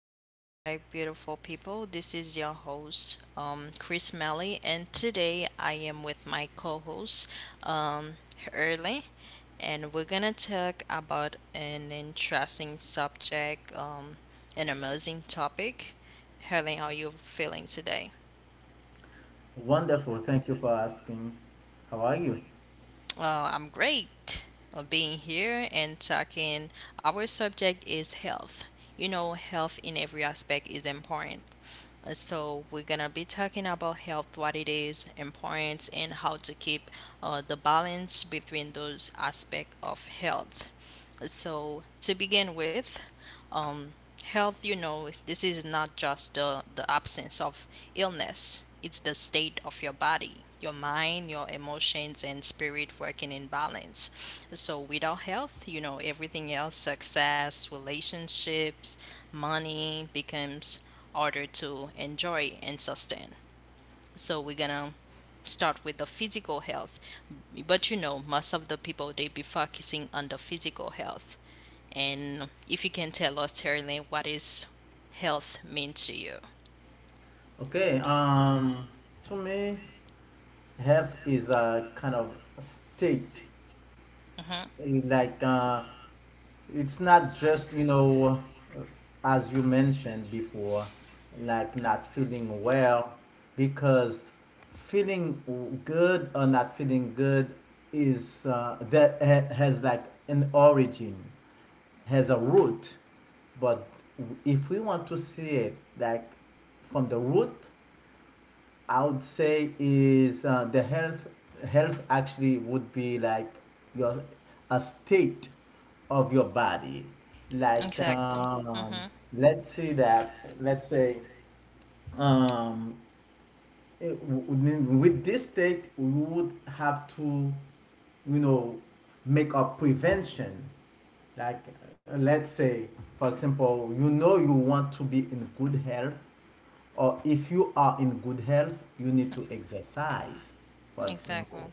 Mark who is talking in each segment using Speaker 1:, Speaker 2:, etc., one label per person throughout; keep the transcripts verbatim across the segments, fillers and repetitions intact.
Speaker 1: um, my beautiful people. This is your host, um, Chris Melly, and today I am with my co host, um, Early, and we're gonna talk about an interesting subject, um, an amazing topic. Early, how are you feeling today?
Speaker 2: Wonderful. Thank you for asking. How are you?
Speaker 1: Uh, I'm great of being here and talking. Our subject is health. You know, health in every aspect is important. Uh, So, we're gonna be talking about health, what it is, importance, and how to keep uh, the balance between those aspects of health. So, to begin with, um, health, you know, this is not just the, the absence of illness, it's the state of your body, your mind, your emotions, and spirit working in balance. So, without health, you know, everything else success, relationships, money becomes harder to enjoy and sustain. So, we're gonna start with the physical health, but you know most of the people they be focusing on the physical health. And if you can tell us, Sterling, what is health mean to you?
Speaker 2: Okay. Um, to me, health is a kind of a state.
Speaker 1: Mm-hmm.
Speaker 2: eh, Like, uh, it's not just, you know, as you mentioned before, like not feeling well, because feeling w- good or not feeling good is uh, that ha- has like an origin. Has a root, but if we want to see it like from the root, I would say is uh, the health. Health actually would be like your a state of your body. Like
Speaker 1: Exactly.
Speaker 2: um,
Speaker 1: Mm-hmm.
Speaker 2: let's say that let's say um, it, with this state, we would have to, you know, make a prevention. Like, uh, let's say, for example, you know you want to be in good health, or if you are in good health, you need to exercise, for
Speaker 1: Exactly.
Speaker 2: example.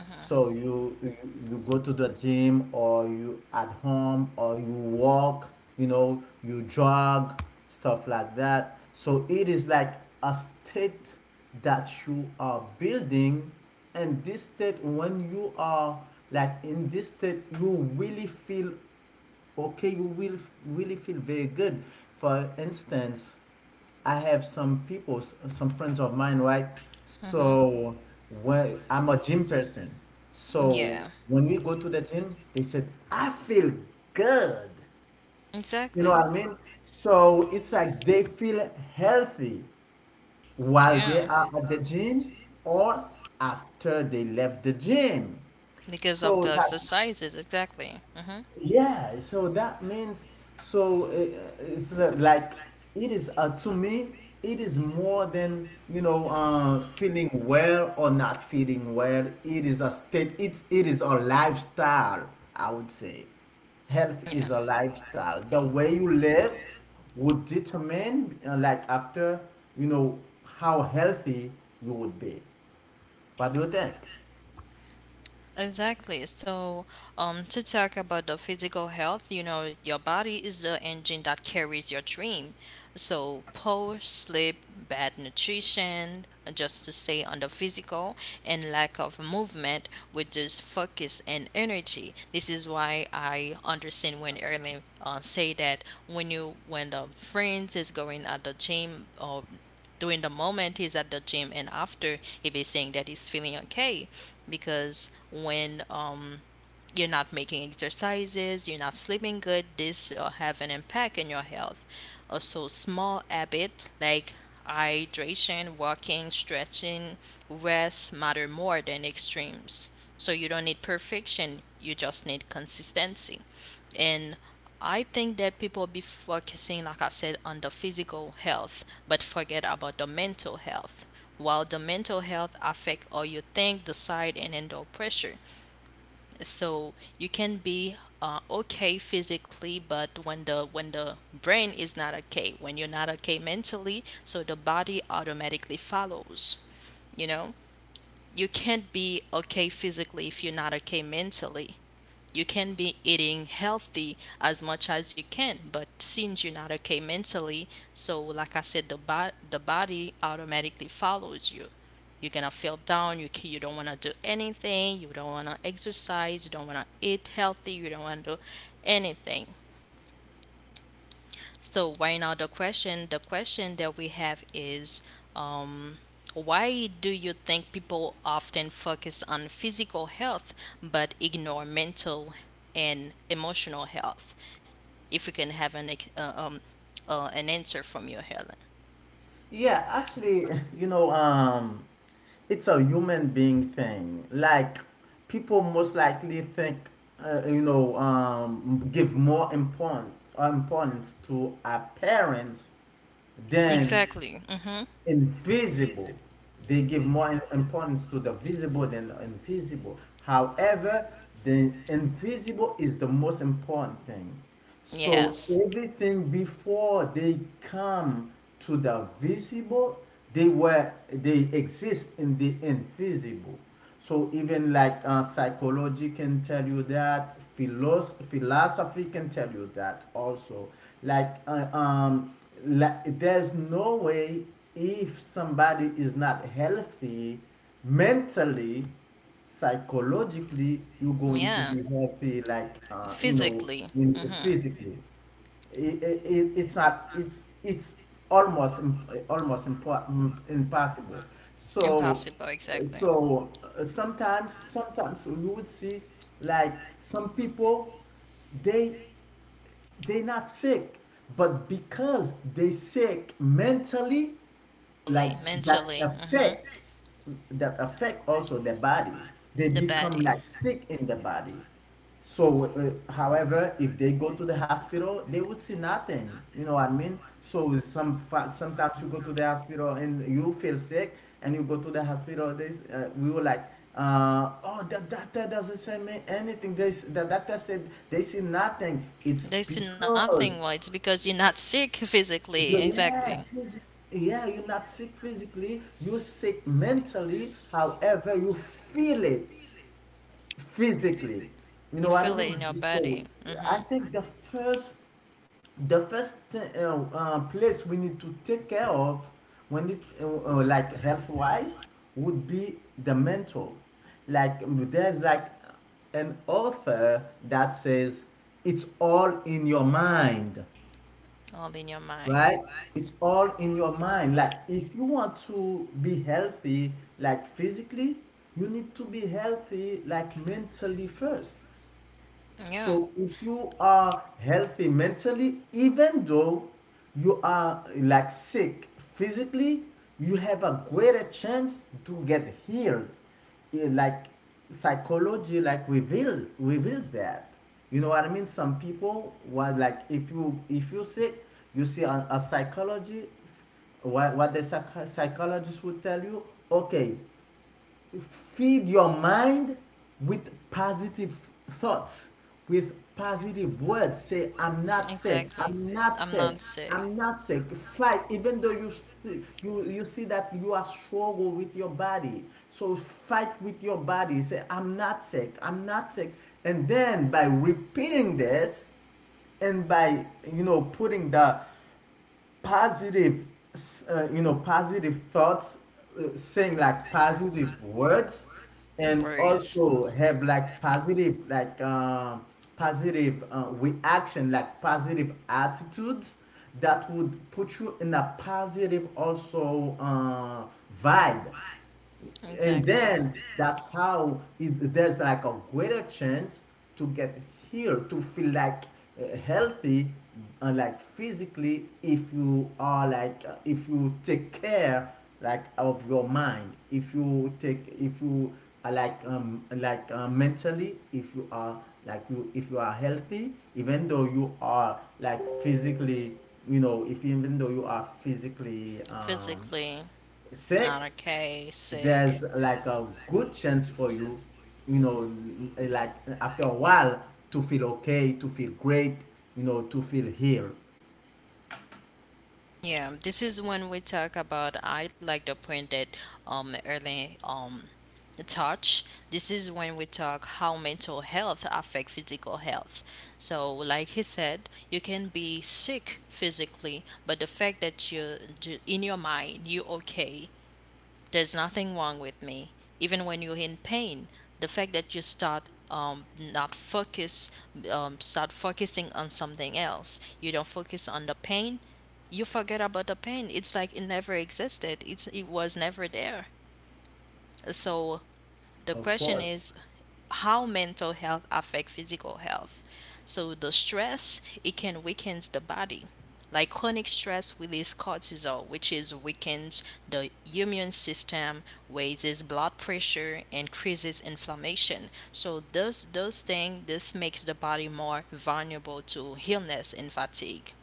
Speaker 1: Mm-hmm.
Speaker 2: So you, you you go to the gym or you at home or you walk, you know, you jog, stuff like that. So it is like a state that you are building, and this state when you are like in this state, you really feel okay, you will really feel very good. For instance, I have some people, s- some friends of mine, right?
Speaker 1: Mm-hmm.
Speaker 2: So when I'm a gym person, so
Speaker 1: Yeah.
Speaker 2: when we go to the gym, they said, I feel good. You know
Speaker 1: Exactly.
Speaker 2: what I mean? So it's like they feel healthy while they
Speaker 1: Yeah.
Speaker 2: are at the gym or after they left the gym.
Speaker 1: Because of the
Speaker 2: So that
Speaker 1: exercises, exactly. Mm-hmm.
Speaker 2: yeah, so that means so uh, uh, it's li- like it is uh, to me it is more than you know uh, feeling well or not feeling well. It is a state. It it is a lifestyle. I would say, health is
Speaker 1: Yeah.
Speaker 2: a lifestyle. The way you live would determine uh, like after you know how healthy you would be. What do you think?
Speaker 1: Exactly. So, um, to talk about the physical health, you know, your body is the engine that carries your dream. So, poor sleep, bad nutrition, uh, just to stay on the physical, and lack of movement with just focus and energy. This is why I understand when Erling uh, say that when you when the friends is going at the gym, or during the moment he's at the gym and after, if he's saying that he's feeling okay. Because when um you're not making exercises, you're not sleeping good, this will have an impact on your health. Also, small habit like hydration, walking, stretching, rest matter more than extremes. So you don't need perfection, you just need consistency. And I think that people be focusing, like I said, on the physical health, but forget about the mental health. While the mental health affect how you think, decide, and endure pressure, so you can be uh, okay physically, but when the when the brain is not okay, when you're not okay mentally, so the body automatically follows, you know. You can't be okay physically if you're not okay mentally. You can be eating healthy as much as you can, but since you're not okay mentally, so like I said, the bo- the body automatically follows you. You're gonna feel down. You you don't wanna do anything. You don't wanna exercise. You don't wanna eat healthy. You don't wanna do anything. So right now the question the question that we have is, um why do you think people often focus on physical health but ignore mental and emotional health? If we can have an ex- uh, um uh, an answer from you, Helen.
Speaker 2: Yeah, actually, you know, um, it's a human being thing. Like people most likely think, uh, you know, um, give more important importance to appearance than
Speaker 1: Exactly. Mhm.
Speaker 2: invisible. They give more importance to the visible than the invisible. However, the invisible is the most important thing. So
Speaker 1: Yes.
Speaker 2: everything before they come to the visible, they were they exist in the invisible. So even like uh, psychology can tell you that, philos- philosophy can tell you that also. Like, uh, um, like there's no way if somebody is not healthy mentally, psychologically, you're going to
Speaker 1: Yeah.
Speaker 2: be healthy, like uh, you know,
Speaker 1: Physically.
Speaker 2: in,
Speaker 1: Mhm.
Speaker 2: physically. It, it, it's not. It's it's almost imp- almost impo- impossible. So
Speaker 1: Impossible exactly.
Speaker 2: so uh, sometimes sometimes we would see like some people they they not sick but because they sick mentally, like
Speaker 1: Mentally.
Speaker 2: that
Speaker 1: Mentally.
Speaker 2: affect
Speaker 1: Mhm.
Speaker 2: that affect also the body, they
Speaker 1: The
Speaker 2: become like
Speaker 1: body.
Speaker 2: sick in the body. So, uh, however, if they go to the hospital, they would see nothing. You know what I mean? So some fa- sometimes you go to the hospital and you feel sick, and you go to the hospital. This uh, we were like, uh, oh, the doctor doesn't say me anything. They, s- the doctor said they see nothing. It's
Speaker 1: There's
Speaker 2: because
Speaker 1: nothing. Well, it's because you're not sick physically.
Speaker 2: yeah,
Speaker 1: Exactly.
Speaker 2: phys- yeah, you're not sick physically. You're sick mentally. However, you feel it physically. You know what
Speaker 1: You
Speaker 2: I
Speaker 1: feel it in
Speaker 2: mean?
Speaker 1: your
Speaker 2: So
Speaker 1: body.
Speaker 2: I
Speaker 1: Hmm,
Speaker 2: think the first the first th- uh, uh, place we need to take care of when it uh, uh, like health wise would be the mental. Like um, there's like an author that says it's all in your mind,
Speaker 1: all in your
Speaker 2: right?
Speaker 1: mind.
Speaker 2: It's all in your mind. Like if you want to be healthy like physically, you need to be healthy like mentally first. So
Speaker 1: Yeah,
Speaker 2: if you are healthy mentally, even though you are like sick physically, you have a greater chance to get healed. Eh, Like psychology, like reveal reveals that. You know what I mean? Some people was like if you if you sick, you see a, a psychologist. What what the psych- psychologist would tell you? Okay, feed your mind with positive thoughts, with positive words. Say, I'm not sick.
Speaker 1: exactly.
Speaker 2: I'm not
Speaker 1: I'm
Speaker 2: sick.
Speaker 1: not sick.
Speaker 2: I'm not sick. Fight, even though you see- you you see that you are struggle with your body. So fight with your body. Say, I'm not sick. I'm not sick. And then by repeating this, and by you know putting the positive uh, you know positive thoughts, uh, saying like positive words, and
Speaker 1: Words.
Speaker 2: also have like positive like um, positive uh, reaction, like positive attitudes, that would put you in a positive also uh, vibe, and
Speaker 1: Exactly.
Speaker 2: then that's how it, there's like a greater chance to get healed, to feel like uh, healthy. And like physically, if you are like uh, if you take care like of your mind, if you take if you are like um like uh, mentally, if you are like you if you are healthy, even though you are like physically you know, if even though you are physically um
Speaker 1: Physically, not
Speaker 2: sick,
Speaker 1: okay,
Speaker 2: there's
Speaker 1: sick.
Speaker 2: like a good chance for you, you know, like after a while to feel okay, to feel great, you know, to feel healed.
Speaker 1: Yeah, this is when we talk about, I like the point that um early um touch. This is when we talk how mental health affect physical health. So like he said, you can be sick physically, but the fact that you in your mind you're okay, there's nothing wrong with me. Even when you're in pain, the fact that you start um, not focus, um, start focusing on something else. You don't focus on the pain. You forget about the pain. It's like it never existed. It's it was never there. So the
Speaker 2: Of
Speaker 1: question
Speaker 2: course,
Speaker 1: is, how mental health affect physical health? So the stress it can weakens the body, like chronic stress releases cortisol, which is weakens the immune system, raises blood pressure, increases inflammation. So those those things, this makes the body more vulnerable to illness and fatigue.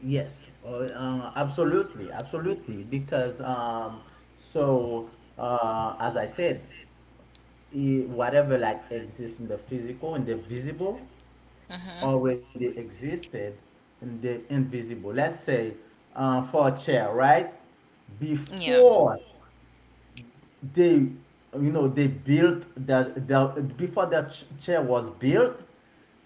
Speaker 2: yes, uh, uh, absolutely, absolutely, because um, so uh, as I said, i- whatever like exists in the physical and the visible
Speaker 1: Hmm.
Speaker 2: already existed in the invisible. Let's say uh, for a chair, right?
Speaker 1: Yeah.
Speaker 2: Before they you know they built that their, before that ch- chair was built,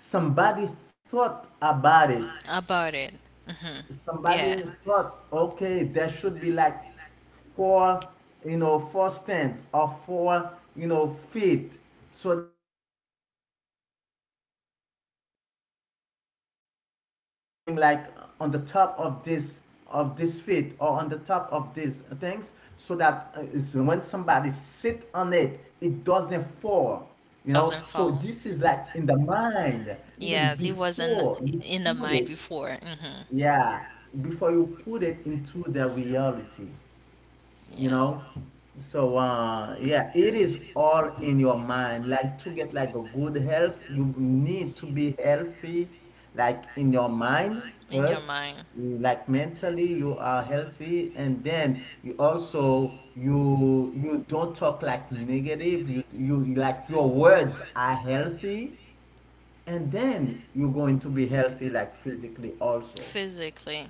Speaker 2: somebody thought about it.
Speaker 1: About it. Hmm. Yeah.
Speaker 2: Somebody thought, okay, there should be like four, you know, four stands or four, you know, feet. So that, and there should be like something like on the top of this, of this feet or on the top of these things, so that uh, is when somebody sit on it, it doesn't fall. You know, so this is like
Speaker 1: Doesn't
Speaker 2: in the
Speaker 1: fall.
Speaker 2: mind, even
Speaker 1: Yes,
Speaker 2: before
Speaker 1: he
Speaker 2: you
Speaker 1: wasn't
Speaker 2: put it
Speaker 1: in the mind before. Hmm.
Speaker 2: yeah, before you put it into the reality, you
Speaker 1: Yeah.
Speaker 2: know? So, uh, yeah, it is all in your mind. Like to get like a good health, you need to be healthy, like in your mind
Speaker 1: In your
Speaker 2: first,
Speaker 1: mind,
Speaker 2: like mentally you are healthy, and then you also you you don't talk like negative. You you like your words are healthy, and then you're going to be healthy like physically also.
Speaker 1: physically.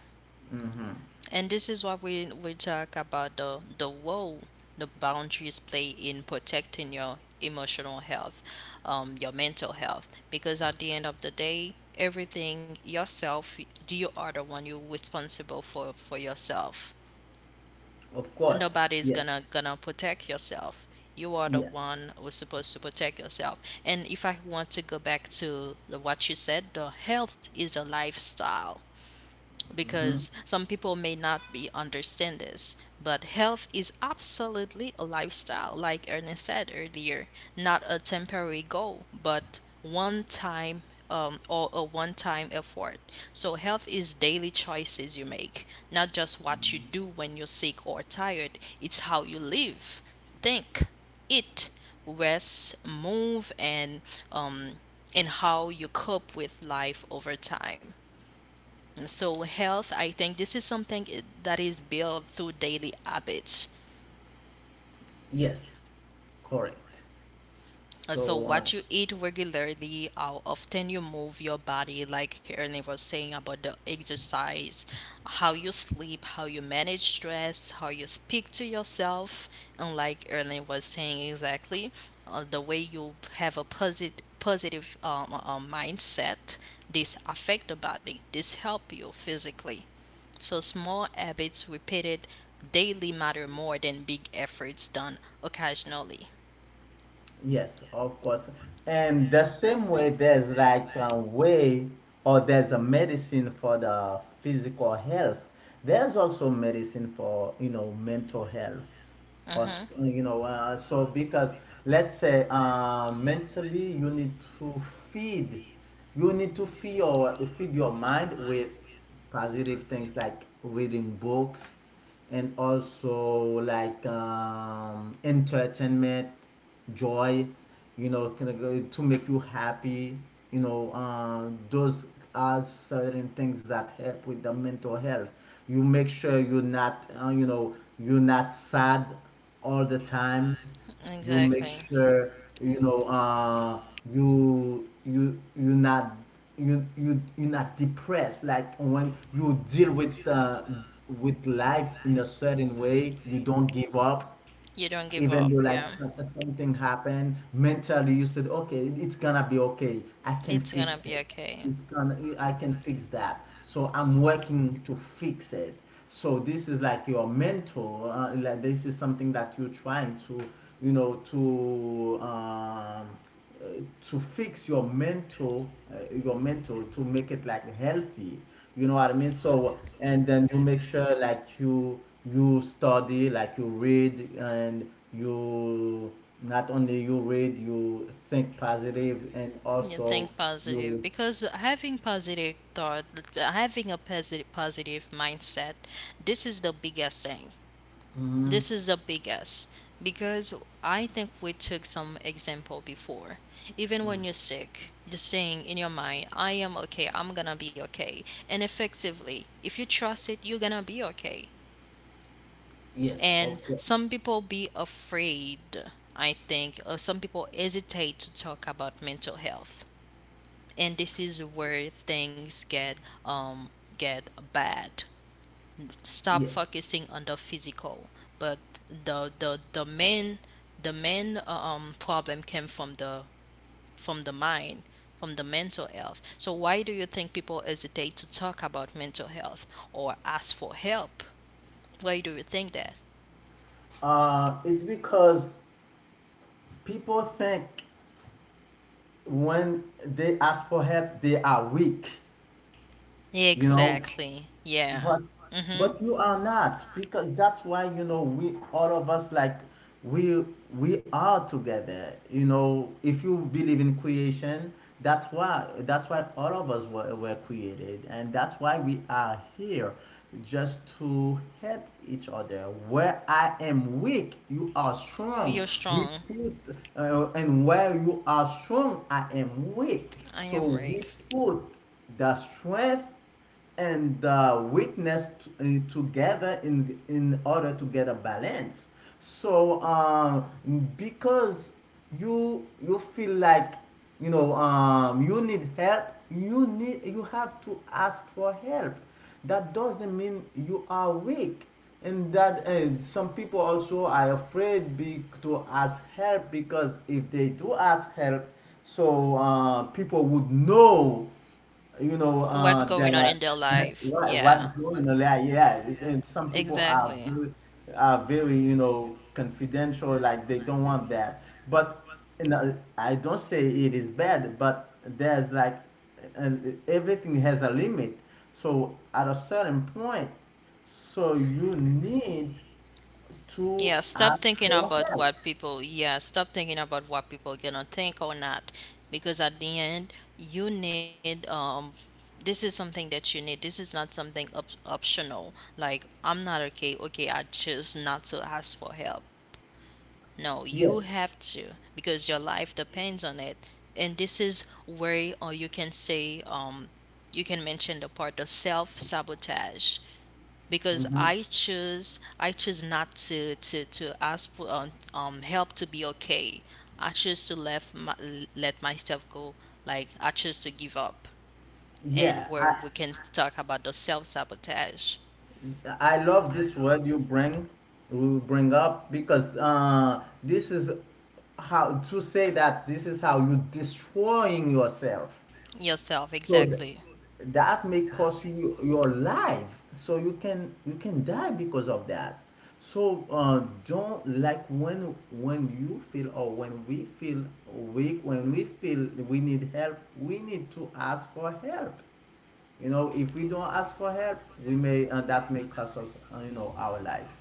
Speaker 1: And this is what we we talk about, the the role the boundaries play in protecting your emotional health, um, your mental health. Because at the end of the day, everything yourself, you are the one you're responsible for for yourself.
Speaker 2: Of course.
Speaker 1: Nobody's
Speaker 2: Yes.
Speaker 1: gonna gonna protect yourself. You are the
Speaker 2: Yes.
Speaker 1: one who's supposed to protect yourself. And if I want to go back to the, what you said, the health is a lifestyle, because some people may not be understand this, but health is absolutely a lifestyle, like Ernest said earlier. Not a temporary goal, but one time, um, or a one time effort. So health is daily choices you make, not just what you do when you're sick or tired. It's how you live, think, eat, rest, move, and um, and how you cope with life over time. So health, I think this is something i- that is built through daily habits.
Speaker 2: Yes. Correct.
Speaker 1: Uh, So
Speaker 2: So uh,
Speaker 1: what you eat regularly, how often you move your body, like Ernie was saying about the exercise, how you sleep, how you manage stress, how you speak to yourself, and like Ernie was saying exactly, uh, the way you have a positive positive um, um, mindset, this affect the body, this help you physically. So small habits repeated daily matter more than big efforts done occasionally.
Speaker 2: Yes, of course. And the same way, there's like a way or there's a medicine for the physical health. There's also medicine for, you know, mental health. Or,
Speaker 1: Mm-hmm,
Speaker 2: s- you know, uh, so because let's say uh, mentally you need to feed, you need to feed your, feed your mind with positive things like reading books, and also like um, entertainment, joy, you know, kind of uh, to make you happy. You know, um, those are certain things that help with the mental health. You make sure you're not, uh, you know, you're not sad all the time. You make
Speaker 1: exactly.
Speaker 2: sure you know uh you you you not you you you're not depressed. Like when you deal with uh with life in a certain way, you don't give up.
Speaker 1: You don't give
Speaker 2: Even
Speaker 1: up,
Speaker 2: though like
Speaker 1: yeah.
Speaker 2: some, something happened mentally, you said, okay, it's gonna be okay, I can
Speaker 1: It's gonna
Speaker 2: fix
Speaker 1: be
Speaker 2: it.
Speaker 1: okay.
Speaker 2: It's gonna I can fix that, so I'm working to fix it. So this is like your mentor, uh, like this is something that you're trying to you know to um, uh, to fix your mental uh, your mental, to make it like healthy. You know what I mean? So and then you make sure like you you study, like you read, and you not only you read, you think positive, and
Speaker 1: You
Speaker 2: also
Speaker 1: think positive,
Speaker 2: you
Speaker 1: because having positive thought, having a positive positive mindset, this is the biggest thing.
Speaker 2: Mhm.
Speaker 1: This is a big S. Because I think we took some example before. Even when you're sick, you're saying in your mind, I am okay, I'm gonna be okay. And effectively, if you trust it, you're gonna be okay.
Speaker 2: Yes,
Speaker 1: And
Speaker 2: of course.
Speaker 1: some people be afraid, I think, or some people hesitate to talk about mental health. And this is where things get um get bad, stop
Speaker 2: Yeah,
Speaker 1: focusing on the physical, but the the the main the main uh, um problem came from the from the mind, from the mental health. So why do you think people hesitate to talk about mental health or ask for help? Why do you think that?
Speaker 2: uh it's because people think when they ask for help they are weak, you know.
Speaker 1: Exactly, yeah.
Speaker 2: But
Speaker 1: Mm-hmm.
Speaker 2: but you are not, because that's why you know we all of us like we we are together. You know, if you believe in creation, that's why that's why all of us were, were created, and that's why we are here just to help each other. Where I am weak, you are
Speaker 1: You're
Speaker 2: strong. We
Speaker 1: strong.
Speaker 2: put uh, and where you are strong, I am weak.
Speaker 1: I
Speaker 2: So
Speaker 1: am
Speaker 2: we
Speaker 1: weak.
Speaker 2: put the strength and uh, weakness t- uh, together in in order to get a balance. So um, because you you feel like you know um, you need help, you need you have to ask for help. That doesn't mean you are weak. And that uh, some people also are afraid be, to ask help, because if they do ask help, so uh, people would know you know
Speaker 1: What's
Speaker 2: uh
Speaker 1: going on in
Speaker 2: that
Speaker 1: their life,
Speaker 2: what
Speaker 1: yeah.
Speaker 2: what's going on, like yeah. And some people are
Speaker 1: Exactly.
Speaker 2: very, are very you know confidential, like they don't want that. But you know, I don't say it is bad, but there's like and everything has a limit. So at a certain point, so you need to
Speaker 1: Yeah, stop
Speaker 2: ask
Speaker 1: thinking
Speaker 2: for
Speaker 1: about
Speaker 2: help.
Speaker 1: what people, yeah, stop thinking about what people gonna think or not, because at the end, you need um this is something that you need. This is not something op- optional. Like I'm not okay. Okay, I choose not to ask for help. No, you have
Speaker 2: Yes.
Speaker 1: to because your life depends on it. And this is where, or you can say um you can mention the part of self sabotage, because
Speaker 2: Hmm.
Speaker 1: I choose I choose not to to to ask for um, um help to be okay. I choose to let my, let myself go. Like I choose to give up,
Speaker 2: Yeah,
Speaker 1: and where
Speaker 2: I,
Speaker 1: we can talk about the self sabotage
Speaker 2: I love this word you bring you bring up, because uh, this is how to say that this is how you destroying yourself.
Speaker 1: yourself
Speaker 2: So th-
Speaker 1: exactly.
Speaker 2: that may cost you your life. So you can you can die because of that. So uh, don't, like when when you feel or when we feel weak, when we feel we need help, we need to ask for help. You know, if we don't ask for help, we may uh, that may cost us, uh, you know, our life.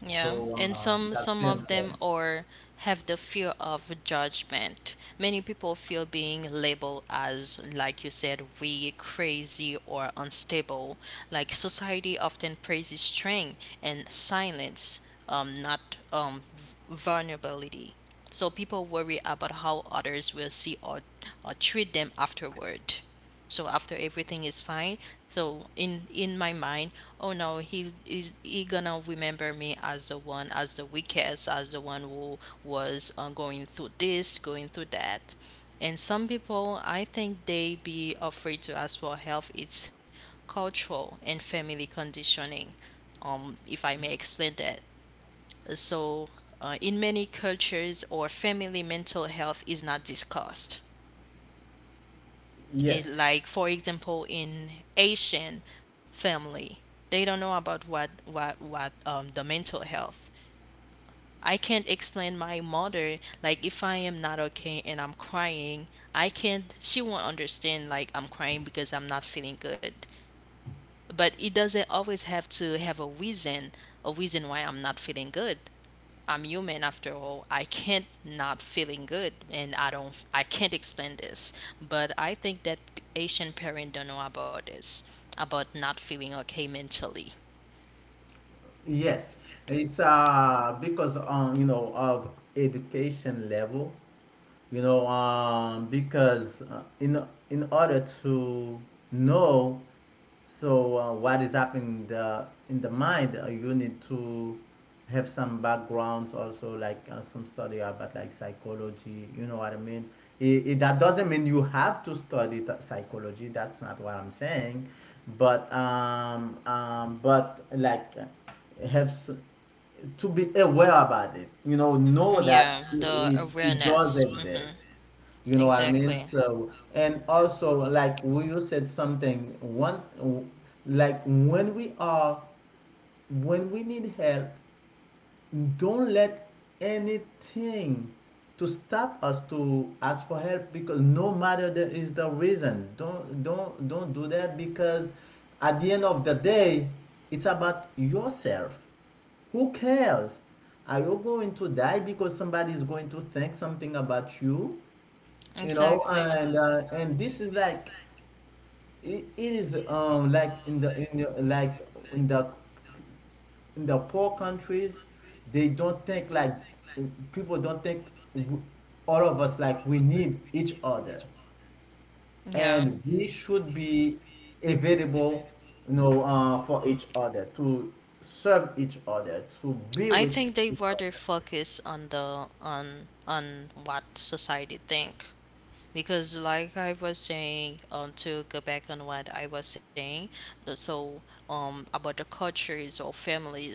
Speaker 1: Yeah,
Speaker 2: So
Speaker 1: and
Speaker 2: uh,
Speaker 1: some
Speaker 2: that's
Speaker 1: some
Speaker 2: very
Speaker 1: of them
Speaker 2: important.
Speaker 1: or have the fear of judgment. Many people feel being labeled as, like you said, weak, crazy, or unstable. Like society often praises strength and silence, um, not um, v- vulnerability. So people worry about how others will see or, or treat them afterward. So after everything is fine, so in in my mind, oh no, he is he gonna remember me as the one, as the weakest, as the one who was uh, going through this, going through that. And some people I think they be afraid to ask for help, it's cultural and family conditioning. um if I may explain that, so uh, in many cultures or family, mental health is not discussed. It
Speaker 2: Yes,
Speaker 1: like for example in Asian family, they don't know about what what what um, the mental health. I can't explain my mother, like if I am not okay and I'm crying, I can't, she won't understand, like I'm crying because I'm not feeling good. But it doesn't always have to have a reason, a reason why I'm not feeling good. I'm human after all, I can't not feeling good and I don't, I can't explain this. But I think that Asian parents don't know about this, about not feeling okay mentally.
Speaker 2: yes. It's uh because um you know, of education level, you know, um because uh, in in order to know, so uh, what is happening in the in the mind, uh, you need to have some backgrounds also, like uh, some study about like psychology, you know what I mean. It, it, that doesn't mean you have to study th- psychology, that's not what I'm saying, but um, um but like, have to be aware about it, you know know that
Speaker 1: Yeah,
Speaker 2: it,
Speaker 1: the
Speaker 2: it, it does
Speaker 1: awareness, hmm.
Speaker 2: exist. You know what I mean?
Speaker 1: Exactly.
Speaker 2: So, and also, like when you said something, one, like when we are, when we need help, don't let anything to stop us to ask for help, because no matter the is the reason, don't don't don't do that, because at the end of the day, it's about yourself. Who cares? Are you going to die because somebody is going to think something about you? You know,
Speaker 1: Exactly.
Speaker 2: and uh, and this is like, it, it is um like in the in the, like in the in the poor countries, they don't think like, people don't think, w- all of us, like, we need each other,
Speaker 1: Yeah.
Speaker 2: and we should be available, you know, uh, for each other to serve each other, to be
Speaker 1: I
Speaker 2: with
Speaker 1: think they
Speaker 2: each other.
Speaker 1: rather focus on the on on what society think. Because like I was saying, um, to go back on what I was saying, the- so um about the cultures or families,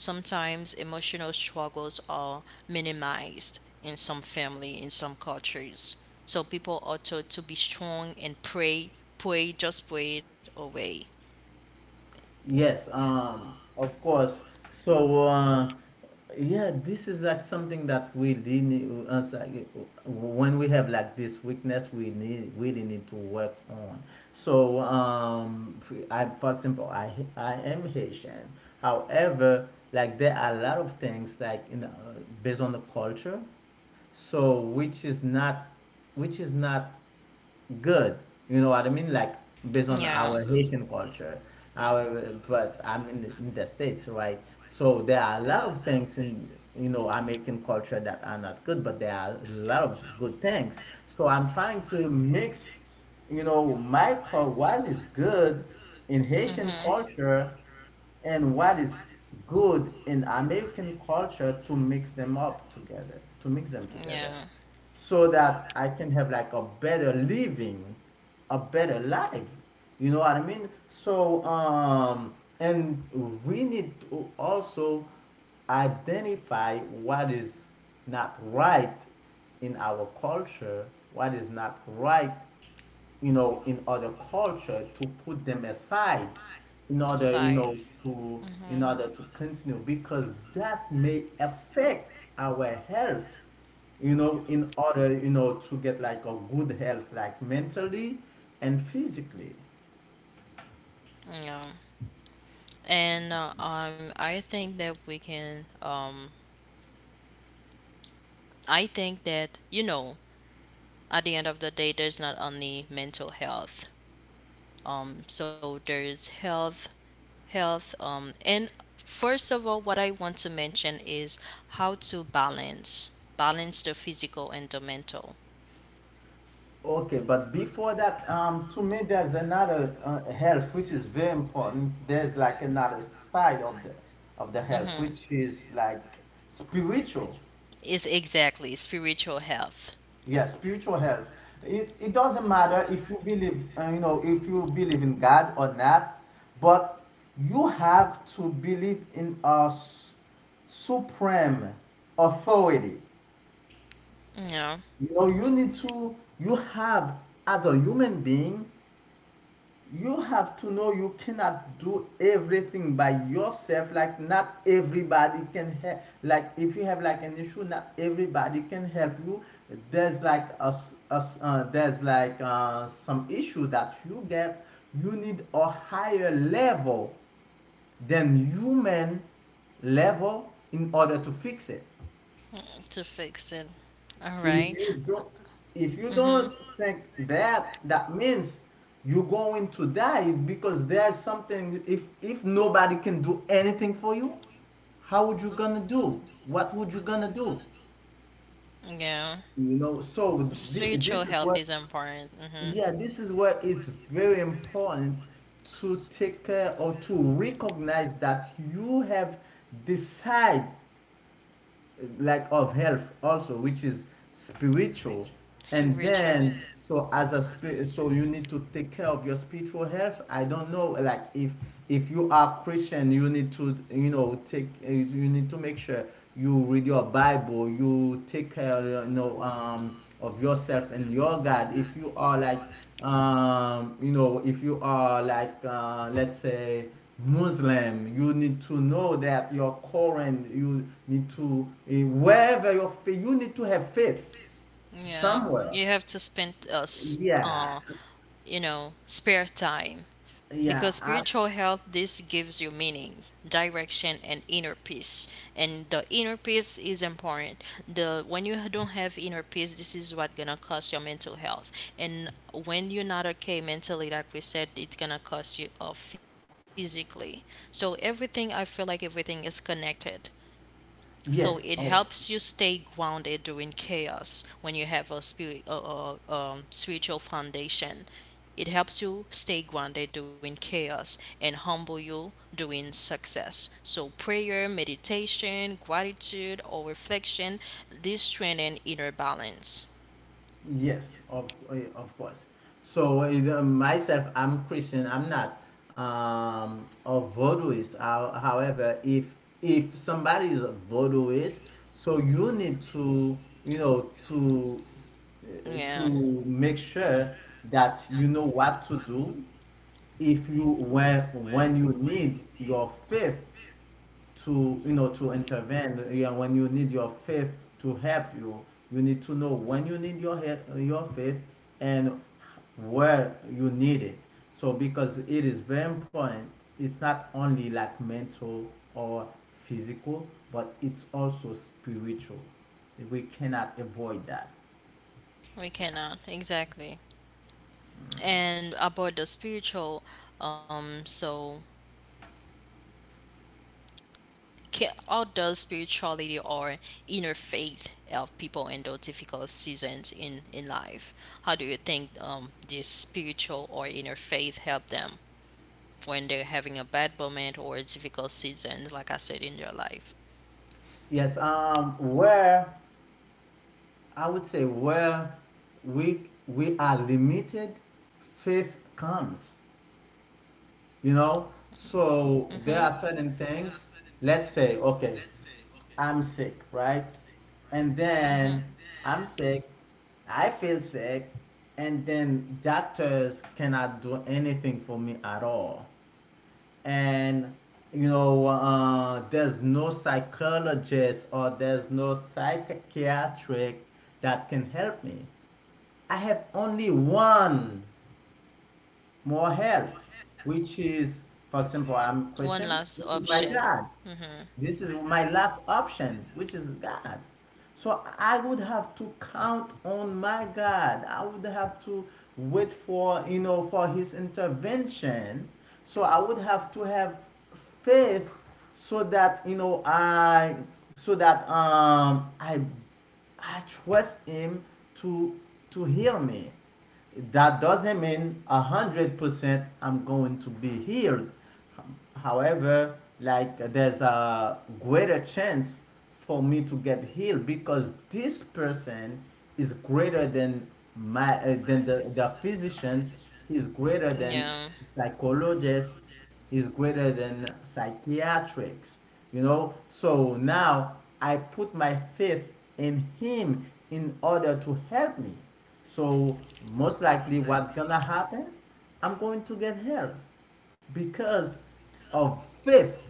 Speaker 1: sometimes emotional struggles are minimized in some family, in some cultures. So people ought to, to be strong and pray, pray, just pray it away.
Speaker 2: Yes, um, of course. So, uh, yeah, this is like something that we really need. Uh, it's like, uh, when we have like this weakness, we need, really need to work on. So, um, for, I, for example, I ha- I am Haitian. However, like there are a lot of things like in, uh, based on the culture, so which is not, which is not good. You know what I mean? Like based on
Speaker 1: Yeah.
Speaker 2: our Haitian culture, our, but I'm in the, in the States, right? So there are a lot of things in, you know, American culture that are not good, but there are a lot of good things. So I'm trying to mix, you know, my cul- what is good in Haitian culture and what is good in American culture, to mix them up together, to mix them together,
Speaker 1: Yeah.
Speaker 2: so that I can have like a better living, a better life. You know what I mean? So, um, and we need to also identify what is not right in our culture, what is not right, you know, in other culture, to put them aside, in order, you
Speaker 1: Aside.
Speaker 2: know, to, in
Speaker 1: Mm-hmm.
Speaker 2: order to continue, because that may affect our health, you know, in order, you know, to get like a good health, like mentally and physically.
Speaker 1: Yeah. And uh, um, I think that we can. Um, I think that you know, at the end of the day, there's not only mental health. Um, so there is health, health, um, and first of all, what I want to mention is how to balance balance the physical and the mental.
Speaker 2: Okay, but before that, um, to me, there's another uh, health which is very important. There's like another side of the of the health which is like spiritual.
Speaker 1: Is exactly spiritual health.
Speaker 2: Yeah, spiritual health. It, it doesn't matter if you believe, uh, you know, if you believe in God or not, but you have to believe in a s- supreme authority.
Speaker 1: Yeah,
Speaker 2: You know, you need to, you have, as a human being, you have to know you cannot do everything by yourself. Like not everybody can help, like if you have like an issue, not everybody can help you. There's like a a uh, there's like uh, some issue that you get, you need a higher level than human level in order to fix it.
Speaker 1: to fix it. All
Speaker 2: If
Speaker 1: right.
Speaker 2: you don't, if you
Speaker 1: Mhm.
Speaker 2: don't think that, that means you're going to die, because there's something, if if nobody can do anything for you, how would you gonna do, what would you gonna do,
Speaker 1: Yeah.
Speaker 2: you know. So thi-
Speaker 1: Spiritual
Speaker 2: this is
Speaker 1: health
Speaker 2: what,
Speaker 1: is important. Mhm.
Speaker 2: yeah, this is where it's very important to take care or to recognize that you have decide like of health also which is spiritual. And
Speaker 1: Spiritual.
Speaker 2: then, so as a spirit, so you need to take care of your spiritual health. I don't know, like if if you are Christian, you need to, you know, take uh, you need to make sure you read your Bible, you take care, you know, um of yourself and your God. If you are like um, you know, if you are like, uh, let's say, Muslim, you need to know that your Quran, you need to, eh, wherever your faith, you need to have faith
Speaker 1: Yeah,
Speaker 2: somewhere.
Speaker 1: you have to spend uh, s-
Speaker 2: Yeah,
Speaker 1: uh you know, spare time, because
Speaker 2: yeah, I,
Speaker 1: spiritual health this gives you meaning, direction and inner peace. And the inner peace is important. The when you don't have inner peace, this is what going to cause your mental health. And when you're not okay mentally, like we said, it's going to cause you uh, physically. So everything, I feel like everything is connected. So it
Speaker 2: yes, of
Speaker 1: helps you stay grounded during chaos when you have a spirit, uh, uh, um, spiritual foundation. It helps you stay grounded during chaos and humble you during success. So prayer, meditation, gratitude, or reflection, this strengthen inner balance.
Speaker 2: Yes, of eh, of course. So, eh, the- myself, I'm Christian. I'm not um, a voodooist. How- However, if if somebody is a voodooist, so you need to, you know, to eh,
Speaker 1: Yeah,
Speaker 2: to make sure that you know what to do, if you, when when you need your faith to, you know, to intervene. Yeah, when you need your faith to help you, you need to know when you need your help, your faith, and where you need it. So because it is very important, it's not only like mental or physical, but it's also spiritual. We cannot avoid that.
Speaker 1: we cannot exactly. And about the spiritual, um, so Ca how does spirituality or inner faith help people handle difficult seasons in, in life? How do you think um, this spiritual or inner faith help them when they're having a bad moment or a difficult season, like I said, in their life?
Speaker 2: Yes, um where, I would say, where we we are limited, faith comes, you know. So there are certain things, let's say, okay, I'm sick, right? And then
Speaker 1: Hmm.
Speaker 2: I'm sick, I feel sick, and then doctors cannot do anything for me at all, and you know, uh, there's no psychologist or there's no psychiatric that can help me. I have only one more help, which is, for example, I'm
Speaker 1: One
Speaker 2: question,
Speaker 1: last
Speaker 2: which is my
Speaker 1: option.
Speaker 2: God.
Speaker 1: Hmm.
Speaker 2: This is my last option, which is God. So I would have to count on my God. I would have to wait for, you know, for His intervention. So I would have to have faith so that, you know, I, so that um I I trust Him, to to hear me. That doesn't mean a hundred percent I'm going to be healed. However, like there's a greater chance for me to get healed, because this person is greater than my uh, than the, the physicians, is greater than
Speaker 1: Yeah,
Speaker 2: psychologists, is greater than psychiatrics, you know. So now I put my faith in Him, in order to help me. So most likely what's gonna happen, I'm going to get help because of faith,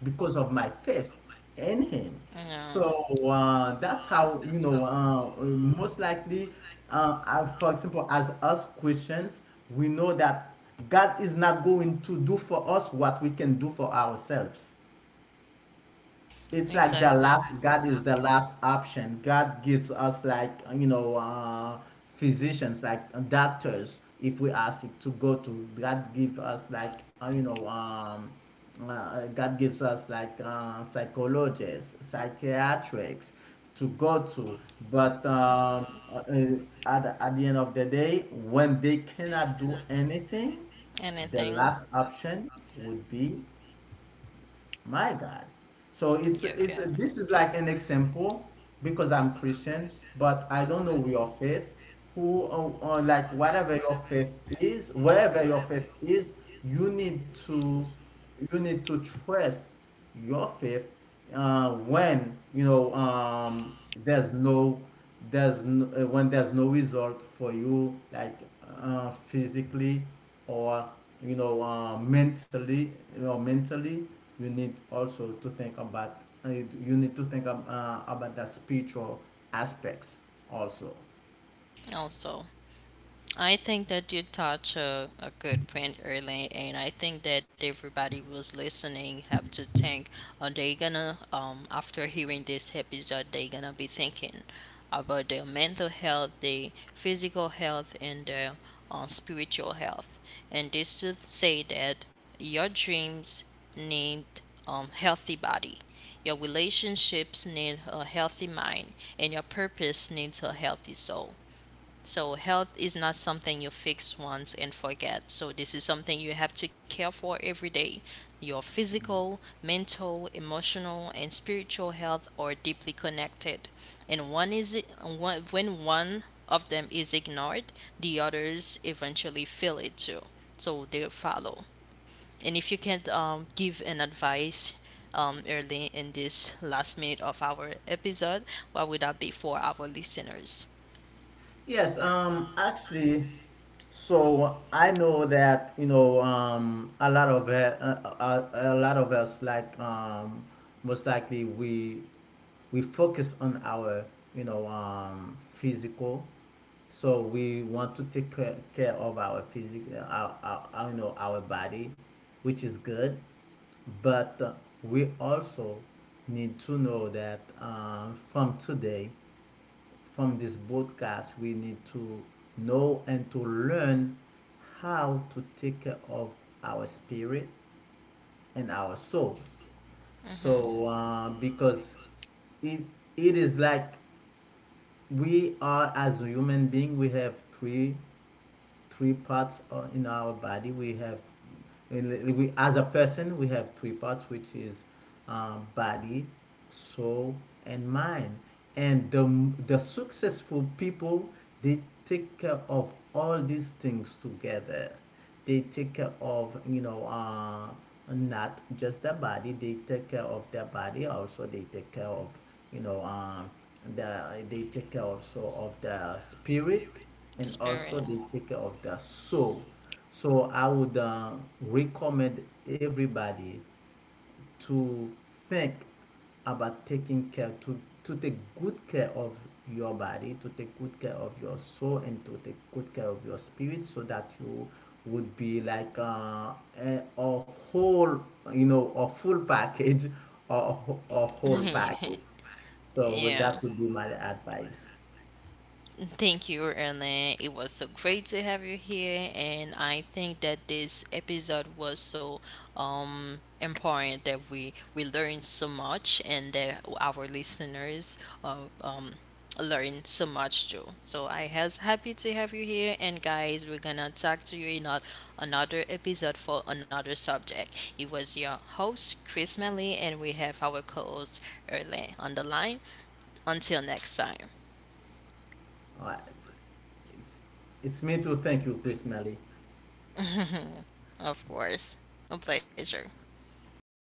Speaker 2: because of my faith in Him.
Speaker 1: yeah,
Speaker 2: So uh, that's how you know. Uh, most likely, uh, I, for example, as us Christians, we know that God is not going to do for us what we can do for ourselves. It's like the
Speaker 1: exactly.
Speaker 2: last, God is the last option. God gives us, like, you know, uh, physicians, like doctors, if we are sick, to go to. God gives us, like, uh, you know, um, uh, God gives us, like, uh, psychologists, psychiatrics, to go to. But um, uh, uh, at, at the end of the day, when they cannot do anything, the
Speaker 1: Anything.
Speaker 2: last option would be my God. So it's
Speaker 1: You
Speaker 2: it's
Speaker 1: okay?
Speaker 2: this is like an example, because I'm Christian, but I don't know your faith. Who, or, or like whatever your faith is, wherever your faith is, you need to, you need to trust your faith uh, when you know, um, there's no, there's no, uh, when there's no result for you, like uh, physically or, you know, uh, mentally, you know, mentally, you need also to think about uh, you, you need to think ab- uh, about the spiritual aspects also.
Speaker 1: Also, I think that you touched a, a good point early, and I think that everybody who's listening have to think, are they gonna, um, after hearing this episode, they gonna be thinking about their mental health, their physical health, and their uh, spiritual health. And this to say that your dreams need um, healthy body. Your relationships need a healthy mind, and your purpose needs a healthy soul. So health is not something you fix once and forget. So this is something you have to care for every day. Your physical, mental, emotional, and spiritual health are deeply connected. And one is one, when one of them is ignored, the others eventually feel it too. So they follow. And if you can um, give an advice, um, early, in this last minute of our episode, what would that be for our listeners?
Speaker 2: Yes, um, actually, so I know that, you know, um, a lot of uh, uh, a, a lot of us like um, most likely we we focus on our, you know, um, physical. So we want to take care, care of our physical, our, our, our, you know, our body, which is good. But uh, we also need to know that um, from today, from this broadcast, we need to know and to learn how to take care of our spirit and our soul.
Speaker 1: Mm-hmm.
Speaker 2: So, uh, because it, it is like we are, as a human being, we have three three parts uh, in our body. We have, we, as a person, we have three parts, which is um, body, soul, and mind. And the, the successful people, they take care of all these things together. They take care of, you know, uh, not just their body, they take care of their body, also they take care of, you know, um, the, they take care also of their spirit, and also they
Speaker 1: Experience,
Speaker 2: take care of their soul. So I would uh, recommend everybody to think about taking care, to to take good care of your body, to take good care of your soul, and to take good care of your spirit, so that you would be like uh, a, a whole, you know, a full package, or a wh- a whole package. So
Speaker 1: yeah.
Speaker 2: that would be my advice.
Speaker 1: Thank you, Ellen. It was so great to have you here, and I think that this episode was so um important that we we learned so much, and that our listeners uh, um learned so much too. So I was happy to have you here, and guys, we're gonna talk to you in a, another episode for another subject. It was your host Chris Melly, and we have our co-host Erlen on the line. Until next time.
Speaker 2: Uh, it's, it's me too. Thank you, Chris Melly.
Speaker 1: Of course. A pleasure.
Speaker 2: Okay.